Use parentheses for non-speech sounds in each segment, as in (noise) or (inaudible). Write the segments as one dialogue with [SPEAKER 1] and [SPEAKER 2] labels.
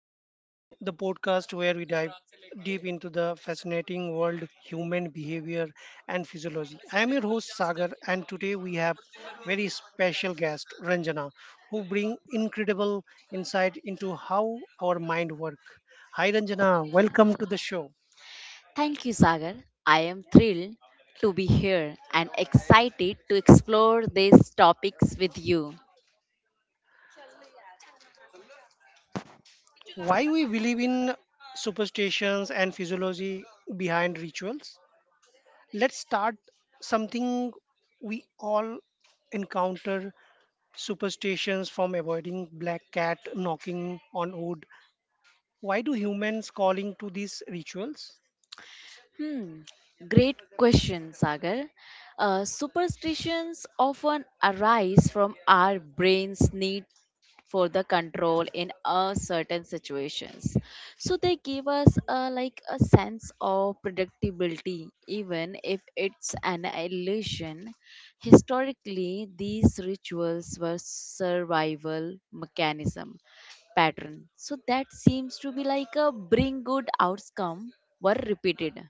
[SPEAKER 1] Mind Matters, the podcast where we dive deep into the fascinating world human behavior and physiology. I am your host Sagar, and today we have very special guest Ranjana, who bring incredible insight into how our mind work. Hi Ranjana, welcome to the show.
[SPEAKER 2] Thank you, Sagar. I am thrilled to be here and excited to explore these topics with you.
[SPEAKER 1] Why we believe in superstitions and physiology behind rituals? Let's start something we all encounter superstitions from avoiding black cat knocking on wood. Why do humans calling to these rituals?
[SPEAKER 2] Hmm, great question, Sagar. Superstitions often arise from our brain's need for the control in a certain situations. So they give us like a sense of predictability, even if it's an illusion. Historically, these rituals were survival mechanism pattern. So that seems to be like a bring good outcome were repeated.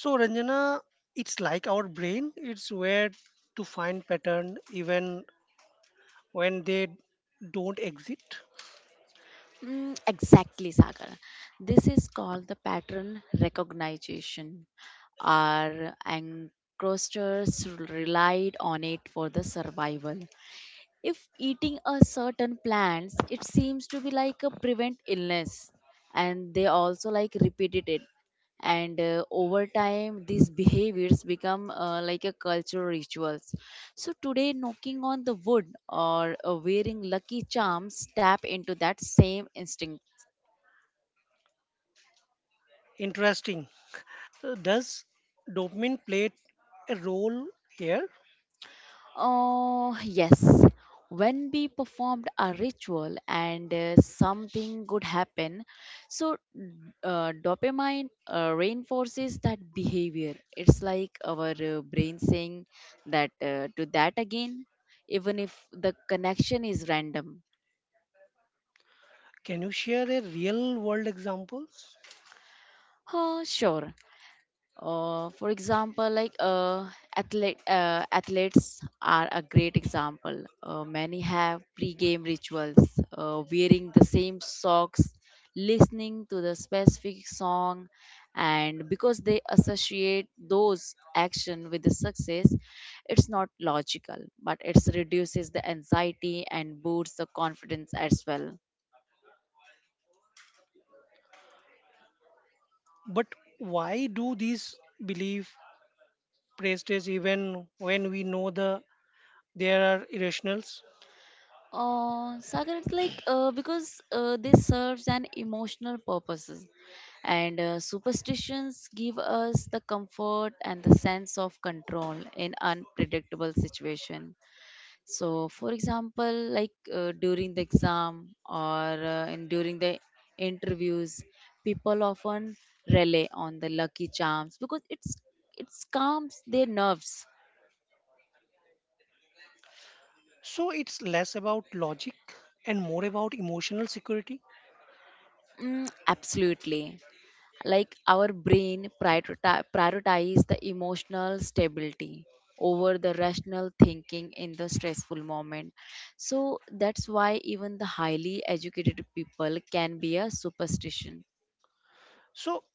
[SPEAKER 1] So Ranjana, it's like our brain it's where to find pattern even when they don't exist.
[SPEAKER 2] Mm, exactly, Sagar. This is called the pattern recognition. Our ancestors relied on it for the survival if eating a certain plants it seems to be like a prevent illness and they also like repeated it and over time these behaviors become like a cultural rituals, so today knocking on the wood or wearing lucky charms tap into that same instinct.
[SPEAKER 1] Interesting. Does dopamine play a role here?
[SPEAKER 2] Oh, yes. When we performed a ritual and something good happen, so dopamine reinforces that behavior. It's like our brain saying that to that again, even if the connection is random.
[SPEAKER 1] Can you share a real world examples?
[SPEAKER 2] Oh, sure. For example, like athletes are a great example. Many have pre-game rituals, wearing the same socks, listening to the specific song, and because they associate those action with the success, it's not logical, but it reduces the anxiety and boosts the confidence as well.
[SPEAKER 1] But why do these belief practices even when we know the there are irrationals?
[SPEAKER 2] Sagar, it's like because this serves an emotional purposes, and superstitions give us the comfort and the sense of control in unpredictable situation. So, for example, like during the exam or during the interviews, people often rely on the lucky charms because it calms their nerves.
[SPEAKER 1] So it's less about logic and more about emotional security.
[SPEAKER 2] Mm, absolutely. Like our brain prioritize the emotional stability over the rational thinking in the stressful moment, so that's why even the highly educated people can be a superstition.
[SPEAKER 1] So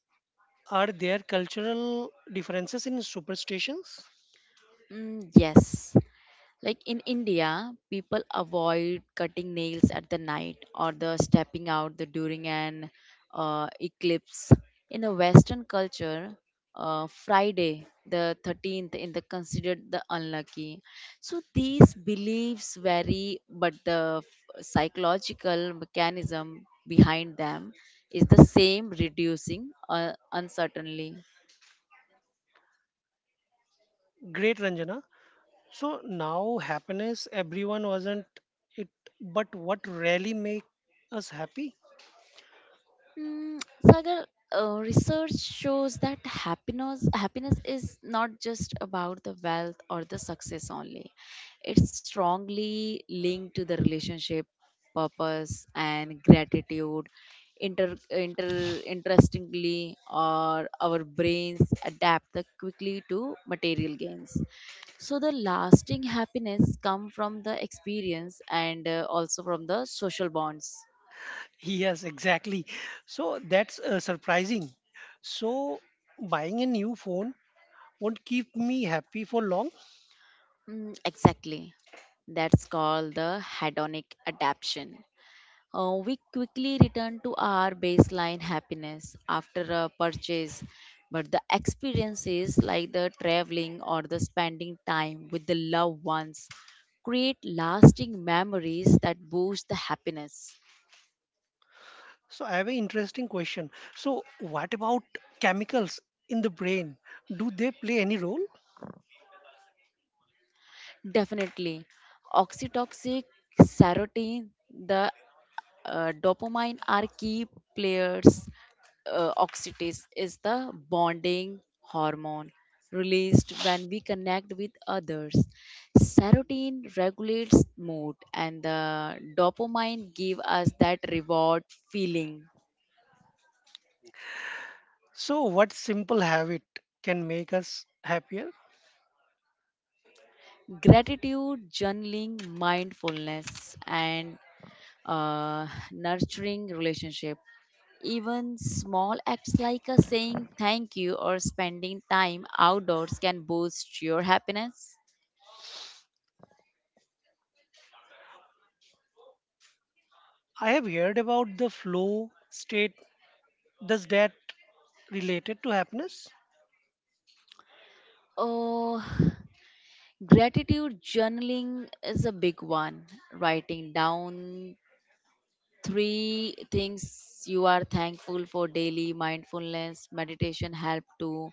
[SPEAKER 1] are there cultural differences in superstitions?
[SPEAKER 2] Mm, yes. Like in India, people avoid cutting nails at the night or the stepping out during an eclipse. In the Western culture, Friday the 13th in the considered the unlucky. So these beliefs vary, but the psychological mechanism behind them is the same, reducing uncertainty.
[SPEAKER 1] Great Ranjana. So now happiness everyone wasn't it, but what really make us happy? (laughs)
[SPEAKER 2] Mm, Sagar, research shows that happiness is not just about the wealth or the success only. It's strongly linked to the relationship, purpose, and gratitude. Interestingly, or our brains adapt the quickly to material gains. So the lasting happiness come from the experience and also from the social bonds.
[SPEAKER 1] Yes, exactly. So that's surprising. So buying a new phone won't keep me happy for long.
[SPEAKER 2] Mm, exactly. That's called the hedonic adaptation. We quickly return to our baseline happiness after a purchase, but the experiences like the traveling or the spending time with the loved ones create lasting memories that boost the happiness.
[SPEAKER 1] So I have an interesting question. So what about chemicals in the brain? Do they play any role?
[SPEAKER 2] Definitely, oxytocin, serotonin, the dopamine are key players. Oxytocin is the bonding hormone released when we connect with others. Serotonin regulates mood, and the dopamine give us that reward feeling.
[SPEAKER 1] So what simple habit can make us happier?
[SPEAKER 2] Gratitude, journaling, mindfulness, and uh, nurturing relationship. Even small acts like a saying thank you or spending time outdoors can boost your happiness.
[SPEAKER 1] I have heard about the flow state. Does that related to happiness?
[SPEAKER 2] Oh, (sighs) gratitude journaling is a big one. Writing down three things you are thankful for daily, mindfulness meditation help too,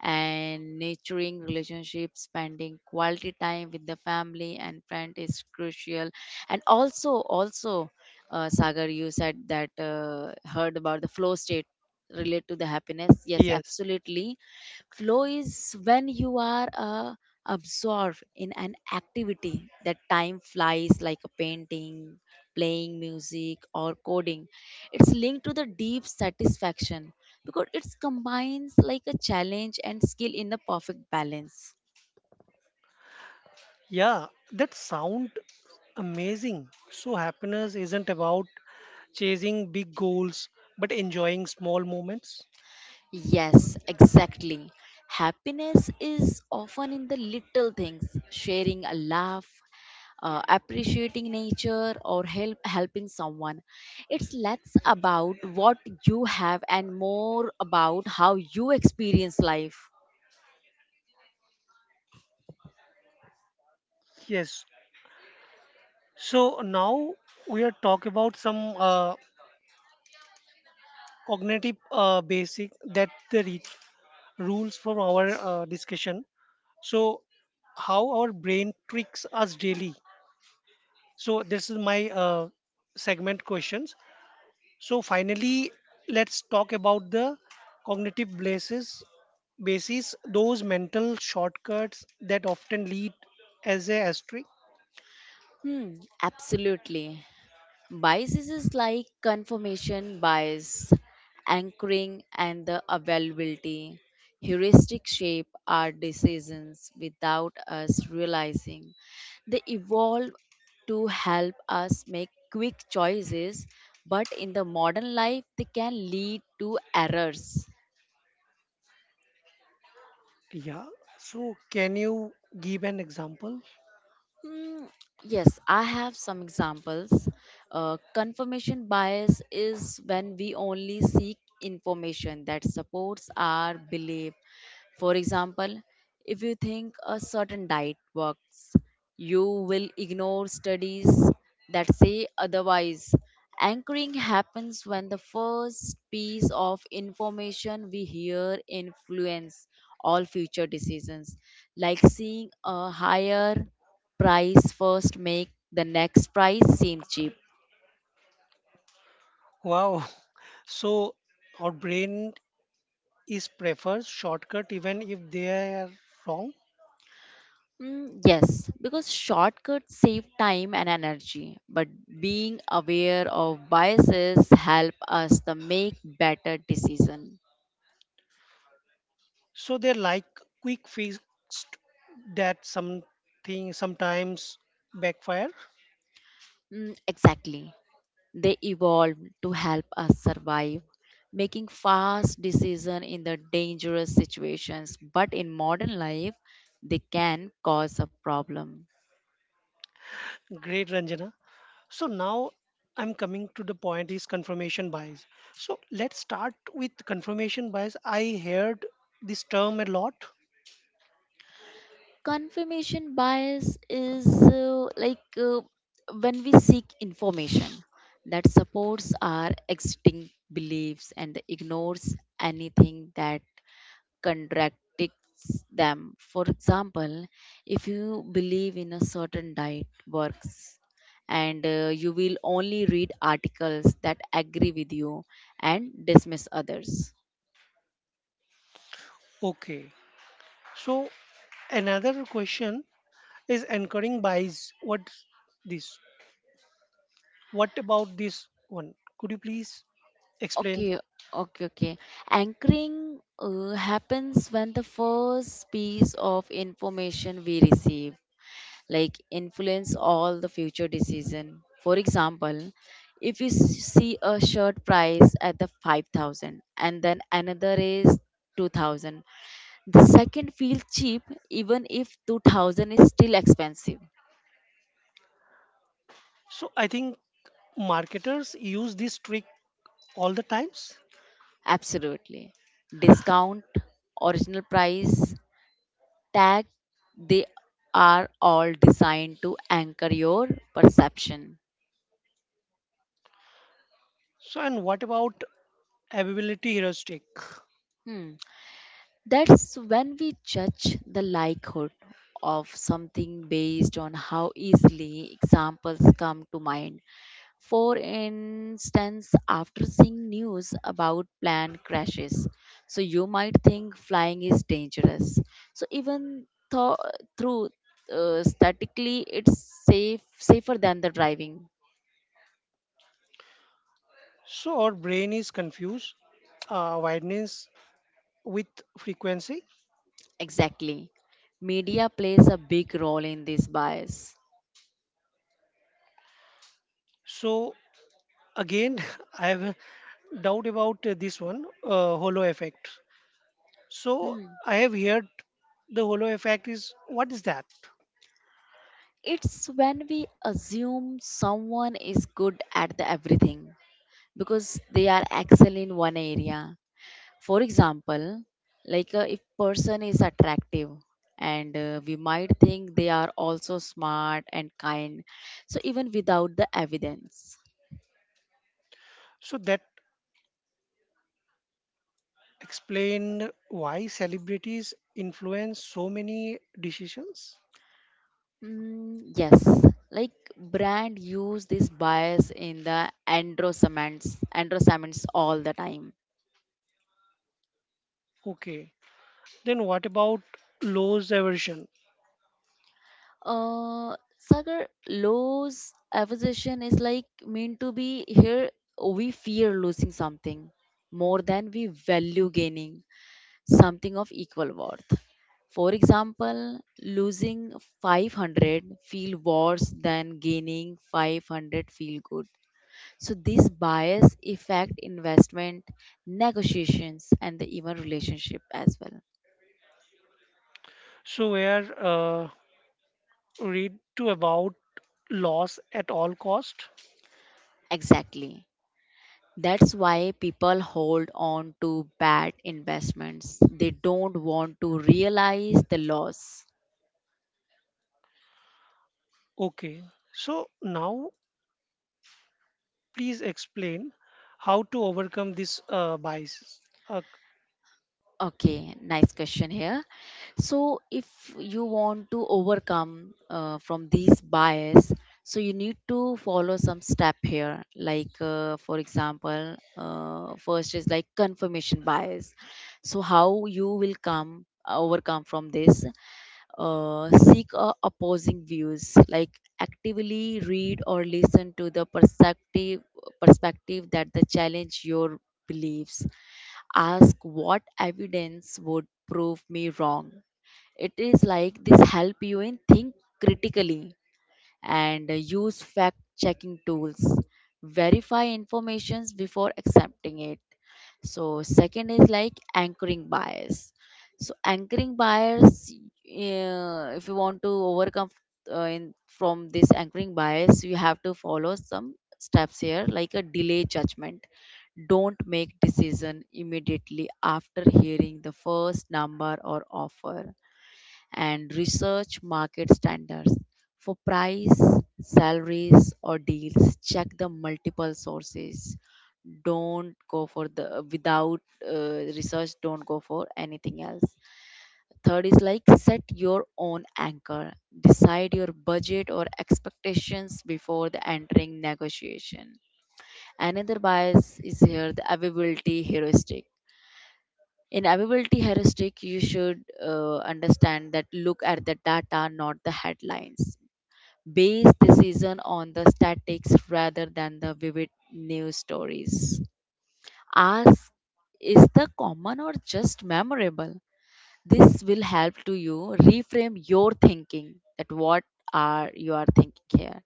[SPEAKER 2] and nurturing relationships, spending quality time with the family and friend is crucial. And also sagar you said that heard about the flow state relate to the happiness, yes
[SPEAKER 1] Yes.
[SPEAKER 2] absolutely. Flow is when you are absorbed in an activity that time flies, like a painting, playing music, or coding. It's linked to the deep satisfaction because it combines like a challenge and skill in a perfect balance.
[SPEAKER 1] Yeah, that sound amazing. So happiness isn't about chasing big goals but enjoying small moments.
[SPEAKER 2] Yes, exactly. Happiness is often in the little things, sharing a laugh, appreciating nature, or helping someone. It's less about what you have and more about how you experience life.
[SPEAKER 1] Yes. So now we are talking about some cognitive basic that the rules from our discussion. So how our brain tricks us daily? So this is my segment questions. So finally, let's talk about the cognitive basis, those mental shortcuts that often lead as a asterisk.
[SPEAKER 2] Hmm, absolutely. Biases is like confirmation bias, anchoring, and the availability. Heuristic shape our decisions without us realizing. They evolve to help us make quick choices, but in the modern life, they can lead to errors.
[SPEAKER 1] Yeah, so can you give an example?
[SPEAKER 2] Mm, yes, I have some examples. Confirmation bias is when we only seek information that supports our belief. For example, if you think a certain diet works, you will ignore studies that say otherwise. Anchoring happens when the first piece of information we hear influence all future decisions, like seeing a higher price first make the next price seem cheap.
[SPEAKER 1] Wow. (laughs) So our brain is prefers shortcut even if they are wrong.
[SPEAKER 2] Mm, yes, because shortcuts save time and energy, but being aware of biases help us to make better decision.
[SPEAKER 1] So they like quick fix that something sometimes backfire.
[SPEAKER 2] Mm, exactly. They evolved to help us survive, making fast decision in the dangerous situations, but in modern life they can cause a problem.
[SPEAKER 1] Great Ranjana. So now I'm coming to the point is confirmation bias. So let's start with confirmation bias. I heard this term a lot.
[SPEAKER 2] Confirmation bias is like when we seek information that supports our existing beliefs and ignores anything that contradicts them. For example, if you believe in a certain diet works, and you will only read articles that agree with you and dismiss others.
[SPEAKER 1] Okay, so another question is anchoring bias. What this, what about this one? Could you please explain?
[SPEAKER 2] Okay, okay. Anchoring happens when the first piece of information we receive, like influence all the future decision. For example, if you see a shirt price at the 5,000 and then another is 2000, the second feels cheap even if 2000 is still expensive.
[SPEAKER 1] So I think marketers use this trick all the times.
[SPEAKER 2] Absolutely. Discount, original price, tag, they are all designed to anchor your perception.
[SPEAKER 1] So and what about availability heuristic?
[SPEAKER 2] Hmm. That's when we judge the likelihood of something based on how easily examples come to mind. For instance, after seeing news about plane crashes, so you might think flying is dangerous. So even though through statically, it's safer than the driving.
[SPEAKER 1] So our brain is confused wideness with frequency.
[SPEAKER 2] Exactly. Media plays a big role in this bias.
[SPEAKER 1] So again, (laughs) I have a doubt about this one holo effect. So
[SPEAKER 2] Hmm.
[SPEAKER 1] I have heard the holo effect is what is that?
[SPEAKER 2] It's when we assume someone is good at the everything because they are excel in one area. For example, like if person is attractive and we might think they are also smart and kind, so even without the evidence.
[SPEAKER 1] So that explain why celebrities influence so many decisions.
[SPEAKER 2] Mm, yes, like brand use this bias in the androsements all the time.
[SPEAKER 1] Okay. Then what about loss aversion?
[SPEAKER 2] Sagar, Lowe's acquisition is like meant to be here. We fear losing something more than we value gaining something of equal worth. For example, losing 500 feel worse than gaining 500 feel good. So this bias affect investment, negotiations and the even relationship as well.
[SPEAKER 1] So where uh, read to about loss at all cost?
[SPEAKER 2] Exactly. That's why people hold on to bad investments. They don't want to realize the loss.
[SPEAKER 1] Okay. So now please explain how to overcome this bias. Uh,
[SPEAKER 2] Okay, nice question here. So, if you want to overcome from these bias, so you need to follow some step here. Like, for example, first is like confirmation bias. So, how you will come overcome from this? Seek opposing views. Like, actively read or listen to the perspective that the challenge your beliefs, ask what evidence would prove me wrong. It is like this help you in think critically, and use fact checking tools. Verify informations before accepting it. So second is like anchoring bias. So anchoring bias, if you want to overcome from this anchoring bias, you have to follow some steps here, like a delay judgment. Don't make decision immediately after hearing the first number or offer, and research market standards. For price, salaries, or deals, check the multiple sources. Don't go for the without research, don't go for anything else. Third is like set your own anchor, decide your budget or expectations before the entering negotiation. Another bias is here the availability heuristic. In availability heuristic you should understand that look at the data not the headlines, base decision on the statics rather than the vivid news stories. Ask is the common or just memorable, this will help to you reframe your thinking, that what are you are thinking here.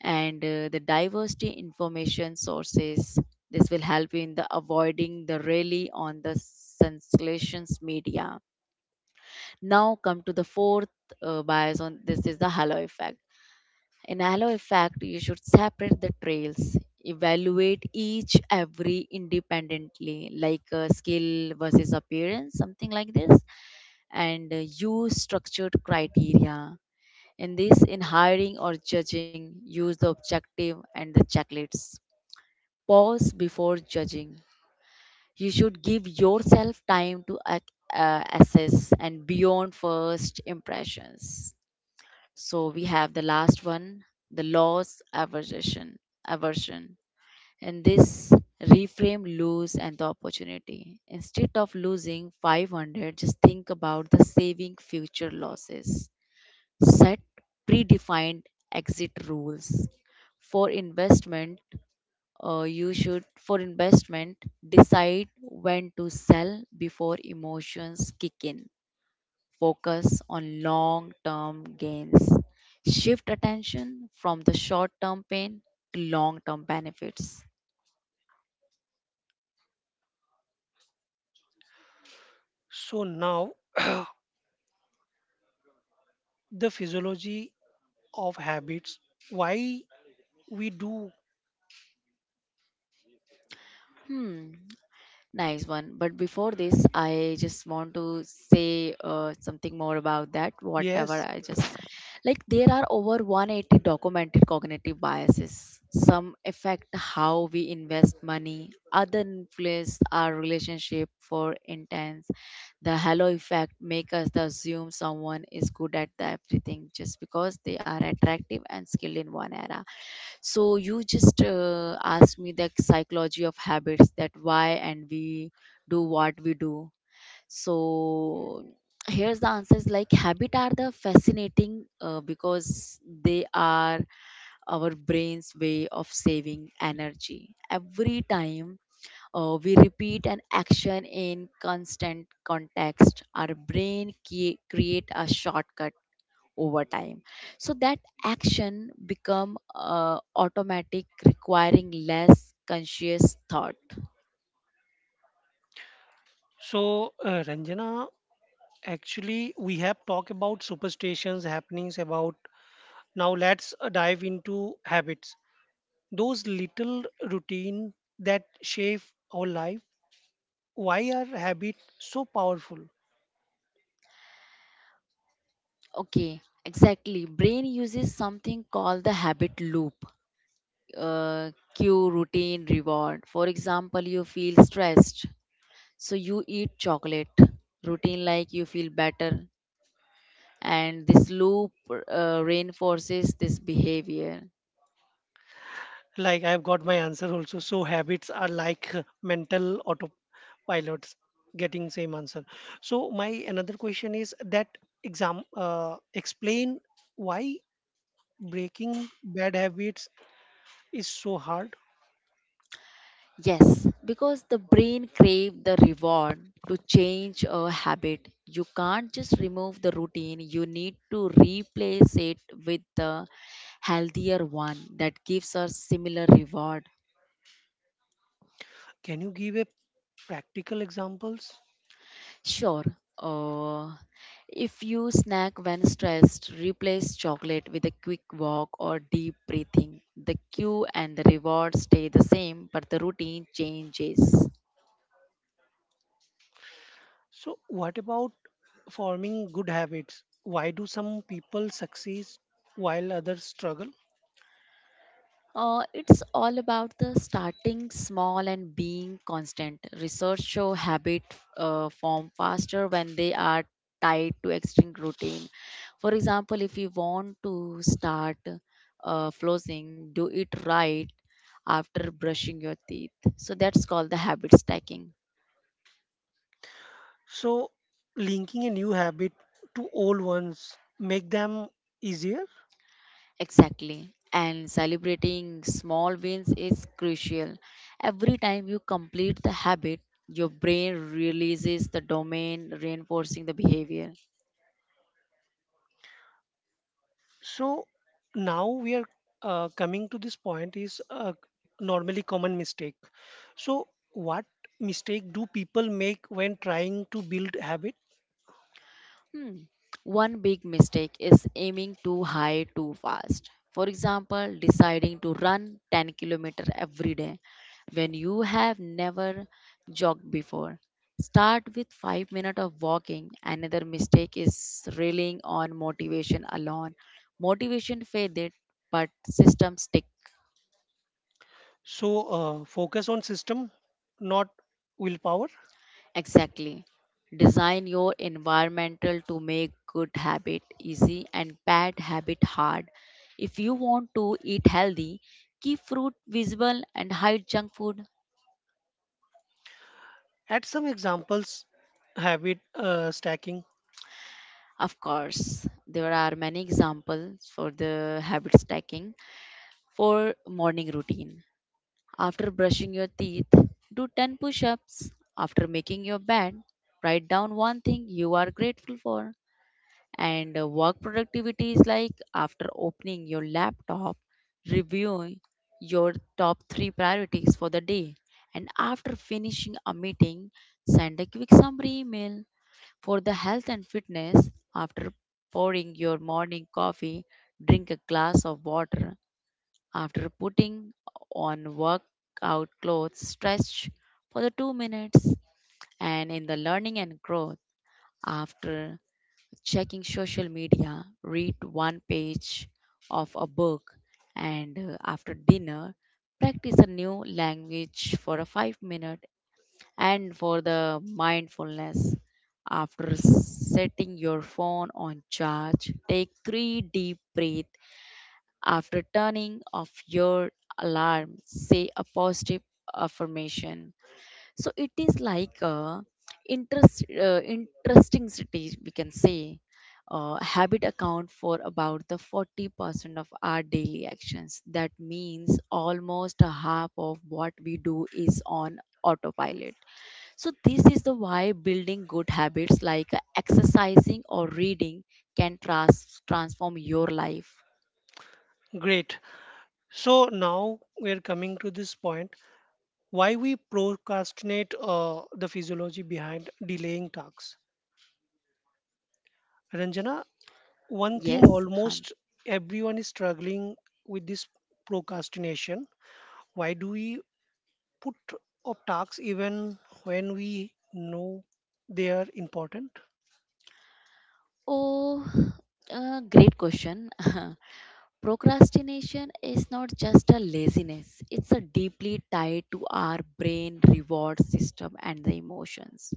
[SPEAKER 2] And the diversity information sources, this will help you in the avoiding the rally on the sensations media. Now come to the fourth bias on this is the halo effect. In halo effect, you should separate the trails, evaluate each every independently, like skill versus appearance, something like this, and use structured criteria. In this, in hiring or judging, use the objective and the checklists. Pause before judging. You should give yourself time to assess and beyond first impressions. So we have the last one, the loss aversion. Aversion. And this reframe lose and the opportunity. Instead of losing 500, just think about the saving future losses. Set predefined exit rules. For investment, for investment, decide when to sell before emotions kick in. Focus on long term gains. Shift attention from the short term pain to long term benefits.
[SPEAKER 1] so now (clears throat) the physiology of habits. Why we do?
[SPEAKER 2] Hmm. Nice one. But before this, I just want to say something more about that. Whatever
[SPEAKER 1] Yes.
[SPEAKER 2] I just like, there are over 180 documented cognitive biases. Some affect how we invest money, other influence our relationship for intense. The halo effect make us to assume someone is good at the everything just because they are attractive and skilled in one area. So you just asked me the psychology of habits that why and we do what we do. So here's the answers like habit are the fascinating because they are our brain's way of saving energy. Every time we repeat an action in constant context, our brain create a shortcut over time so that action become automatic, requiring less conscious thought.
[SPEAKER 1] So Ranjana, actually we have talked about superstitions, happenings about. Now let's dive into habits, those little routine that shape our life. Why are habit so powerful?
[SPEAKER 2] Okay, exactly, brain uses something called the habit loop, cue, routine, reward. For example, you feel stressed, so you eat chocolate, routine, like you feel better, and this loop reinforces this behavior.
[SPEAKER 1] Like I've got my answer also. So habits are like mental autopilots, getting same answer. So my another question is that exam explain why breaking bad habits is so hard.
[SPEAKER 2] Yes, because the brain crave the reward. To change a habit, you can't just remove the routine. You need to replace it with the healthier one that gives us similar reward.
[SPEAKER 1] Can you give a practical examples?
[SPEAKER 2] Sure. Uh, if you snack when stressed, replace chocolate with a quick walk or deep breathing. The cue and the reward stay the same, but the routine changes.
[SPEAKER 1] So what about forming good habits? Why do some people succeed while others struggle?
[SPEAKER 2] It's all about the starting small and being constant. Research show habit form faster when they are tied to extreme routine. For example, if you want to start flossing, do it right after brushing your teeth. So that's called the habit stacking.
[SPEAKER 1] So linking a new habit to old ones make them easier.
[SPEAKER 2] Exactly. And celebrating small wins is crucial. Every time you complete the habit, your brain releases the domain, reinforcing the behavior.
[SPEAKER 1] So now we are coming to this point is a normally common mistake. So what mistake do people make when trying to build habit?
[SPEAKER 2] Hmm. One big mistake is aiming too high too fast. For example, deciding to run 10 km every day when you have never jogged before. Start with 5 minutes of walking. Another mistake is relying on motivation alone. Motivation faded, but systems stick.
[SPEAKER 1] So focus on system, not willpower.
[SPEAKER 2] Exactly. Design your environmental to make good habit easy and bad habit hard. If you want to eat healthy, keep fruit visible and hide junk food.
[SPEAKER 1] Add some examples. Habit stacking.
[SPEAKER 2] Of course, there are many examples for the habit stacking. For morning routine, after brushing your teeth, do 10 push ups. After making your bed, write down one thing you are grateful for. And work productivity is like, after opening your laptop, reviewing your top 3 priorities for the day, and after finishing a meeting, send a quick summary email. For the health and fitness, after pouring your morning coffee, drink a glass of water. After putting on workout clothes, stretch for the 2 minutes. And in the learning and growth, after checking social media, read one page of a book, and after dinner, practice a new language for a 5 minute. And for the mindfulness, after setting your phone on charge, take 3 deep breaths. After turning off your alarm, say a positive affirmation. So it is like a interesting city, we can say. Habit account for about the 40% of our daily actions. That means almost a half of what we do is on autopilot. So this is the why building good habits like exercising or reading can transform your life.
[SPEAKER 1] Great. So now we are coming to this point why we procrastinate, the physiology behind delaying tasks. Ranjana, one thing
[SPEAKER 2] Yes, Han.
[SPEAKER 1] almost everyone is struggling with this procrastination. Why do we put off tasks even when we know they are important?
[SPEAKER 2] Oh, great question. (laughs) Procrastination is not just a laziness, it's a deeply tied to our brain reward system and the emotions.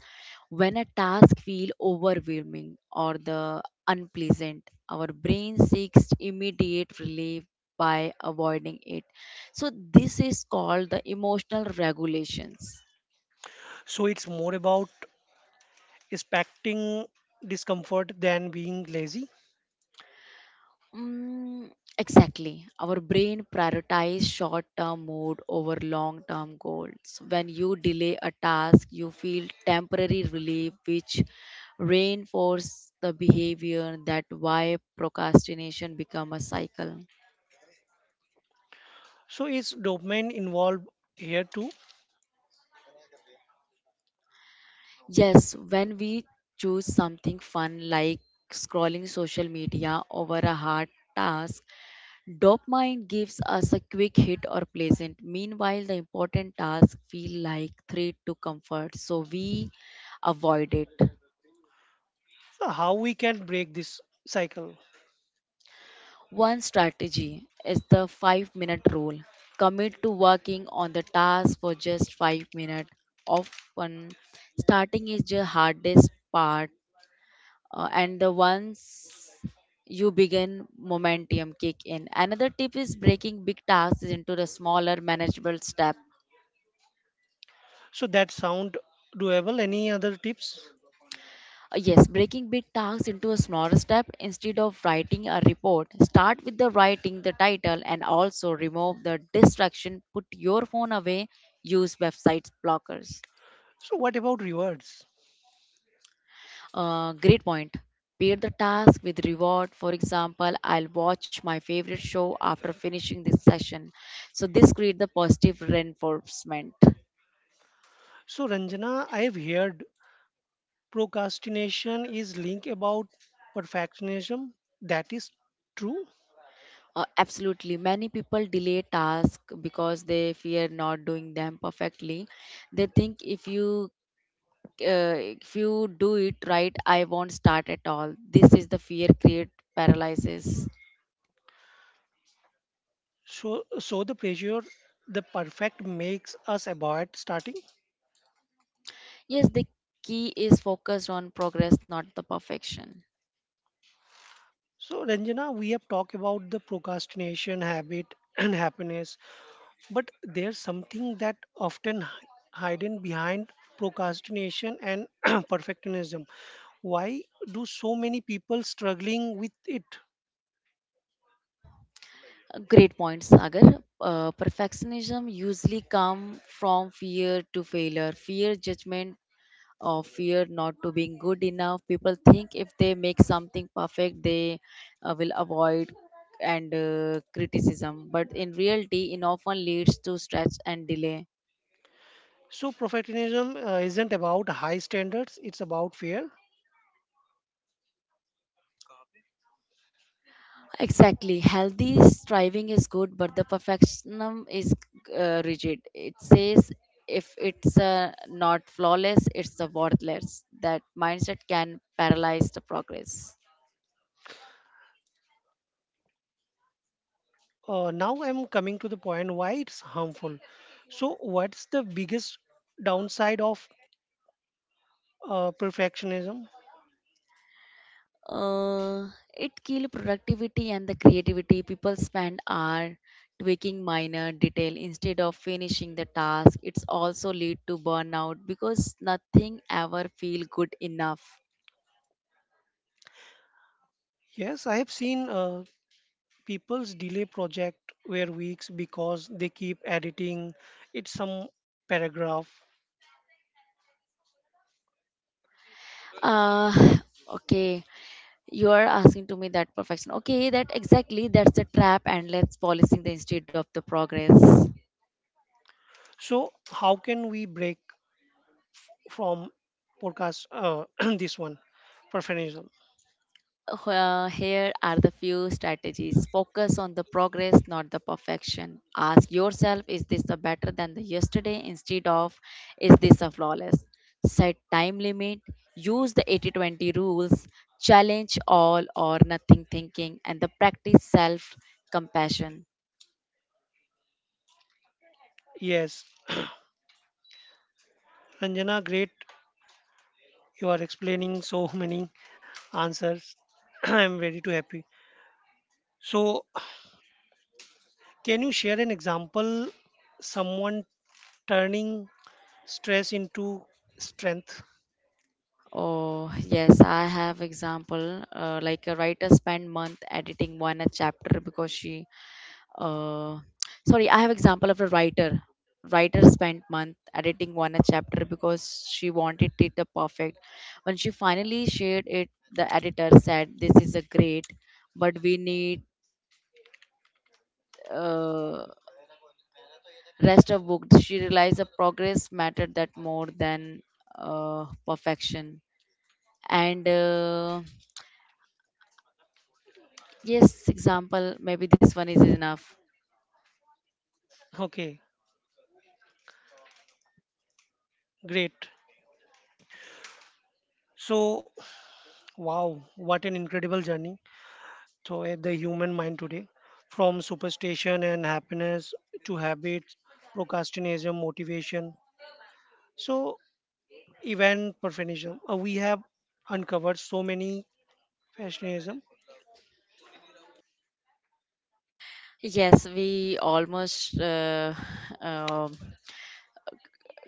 [SPEAKER 2] When a task feels overwhelming or the unpleasant, our brain seeks immediate relief by avoiding it. So this is called the emotional regulations.
[SPEAKER 1] So it's more about expecting discomfort than being lazy.
[SPEAKER 2] Mm, exactly. Our brain prioritizes short term mood over long term goals. When you delay a task, you feel temporary relief, which reinforces the behavior that why procrastination become a cycle.
[SPEAKER 1] So is dopamine involved here too?
[SPEAKER 2] Yes, when we choose something fun like scrolling social media over a hard task, dopamine gives us a quick hit or pleasant. Meanwhile, the important tasks feel like threat to comfort, so we avoid it.
[SPEAKER 1] So how we can break this cycle?
[SPEAKER 2] One strategy is the 5-minute rule. Commit to working on the task for just 5 minutes. Often, starting is the hardest part, and the once you begin, momentum kick in. Another tip is breaking big tasks into the smaller manageable step.
[SPEAKER 1] So that sound doable. Any other tips?
[SPEAKER 2] Yes, breaking big tasks into a smaller step, instead of writing a report, start with the writing, the title, and also remove the distraction. Put your phone away. Use website blockers.
[SPEAKER 1] So, what about rewards?
[SPEAKER 2] Great point. Pair the task with reward. For example, I'll watch my favorite show after finishing this session. So this create the positive reinforcement.
[SPEAKER 1] So, Ranjana, I've heard procrastination is linked about perfectionism. That is true.
[SPEAKER 2] Absolutely. Many people delay tasks because they fear not doing them perfectly. They think, uh, if you do it right, I won't start at all. This is the fear create paralysis.
[SPEAKER 1] So, so the pressure, the perfect makes us avoid starting.
[SPEAKER 2] Yes, the key is focused on progress, not the perfection.
[SPEAKER 1] So, Ranjana, we have talked about the procrastination habit (clears throat) and happiness, but there's something that often hidden behind procrastination and (clears throat) perfectionism. Why do so many people struggling with it?
[SPEAKER 2] Great points, Sagar. Perfectionism usually come from fear to failure, fear judgment, or fear not to being good enough. People think if they make something perfect, they will avoid and criticism. But in reality, it often leads to stress and delay.
[SPEAKER 1] So perfectionism isn't about high standards, it's about fear.
[SPEAKER 2] Exactly. Healthy striving is good, but the perfectionism is rigid. It says if it's not flawless, it's worthless. That mindset can paralyze the progress.
[SPEAKER 1] Now I'm coming to the point why it's harmful. So what's the biggest downside of perfectionism?
[SPEAKER 2] Uh, it kills productivity and the creativity. People spend hours tweaking minor detail instead of finishing the task. It's also lead to burnout because nothing ever feel good enough.
[SPEAKER 1] Yes, I have seen people's delay project were weeks because they keep editing it some paragraph.
[SPEAKER 2] Uh, okay. You are asking to me that perfection, okay, that exactly, that's the trap, and let's policing the instead of the progress.
[SPEAKER 1] So how can we break from podcast (clears throat) this one perfectionism?
[SPEAKER 2] Here are the few strategies: focus on the progress, not the perfection. Ask yourself, is this a better than the yesterday, instead of is this a flawless. Set time limit, use the 80-20 rules, challenge all or nothing thinking, and the practice self compassion.
[SPEAKER 1] Yes, Ranjana, great. You are explaining so (laughs) many answers. (clears throat) I'm very too happy. So, can you share an example someone turning stress into strength?
[SPEAKER 2] Oh, yes, I have example. Like a writer spent month editing one a chapter because uh, sorry, I have example of a writer. Writer spent month editing one a chapter because she wanted it the perfect. When she finally shared it, the editor said, "This is a great, but we need uh, rest of book." She realized the progress mattered that more than perfection and. Yes, example, maybe this one is enough.
[SPEAKER 1] Okay, great. So, wow, what an incredible journey. So, eh, the human mind today, from superstition and happiness to habits, procrastination, motivation. So, event perfectionism. We have uncovered so many fashion.
[SPEAKER 2] Yes, we almost (laughs) um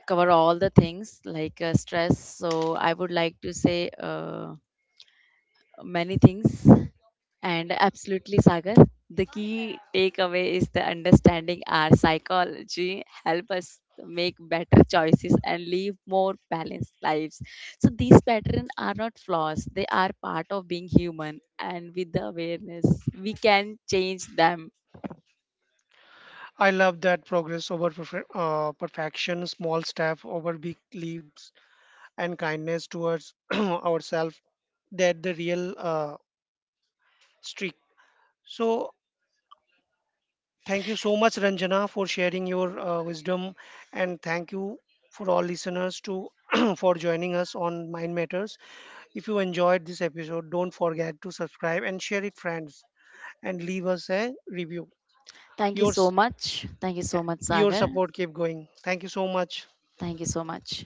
[SPEAKER 2] cover all the things like stress. So I would like to say many things. And absolutely, Sagar, the key takeaway is the understanding our psychology help us make better choices and live more balanced lives. So these patterns are not flaws; they are part of being human. And with the awareness, we can change them.
[SPEAKER 1] I love that progress over perfection, small steps over big leaps, and kindness towards (clears throat) ourselves. That the real streak. So thank you so much, Ranjana, for sharing your wisdom, and thank you for all listeners to (clears throat) for joining us on Mind Matters. If you enjoyed this episode, don't forget to subscribe and share it, friends, and leave us a review.
[SPEAKER 2] Thank you
[SPEAKER 1] Your
[SPEAKER 2] so
[SPEAKER 1] s-
[SPEAKER 2] much. Thank you so much,
[SPEAKER 1] your
[SPEAKER 2] Sagar.
[SPEAKER 1] support keep going. Thank you so much.
[SPEAKER 2] Thank you so much.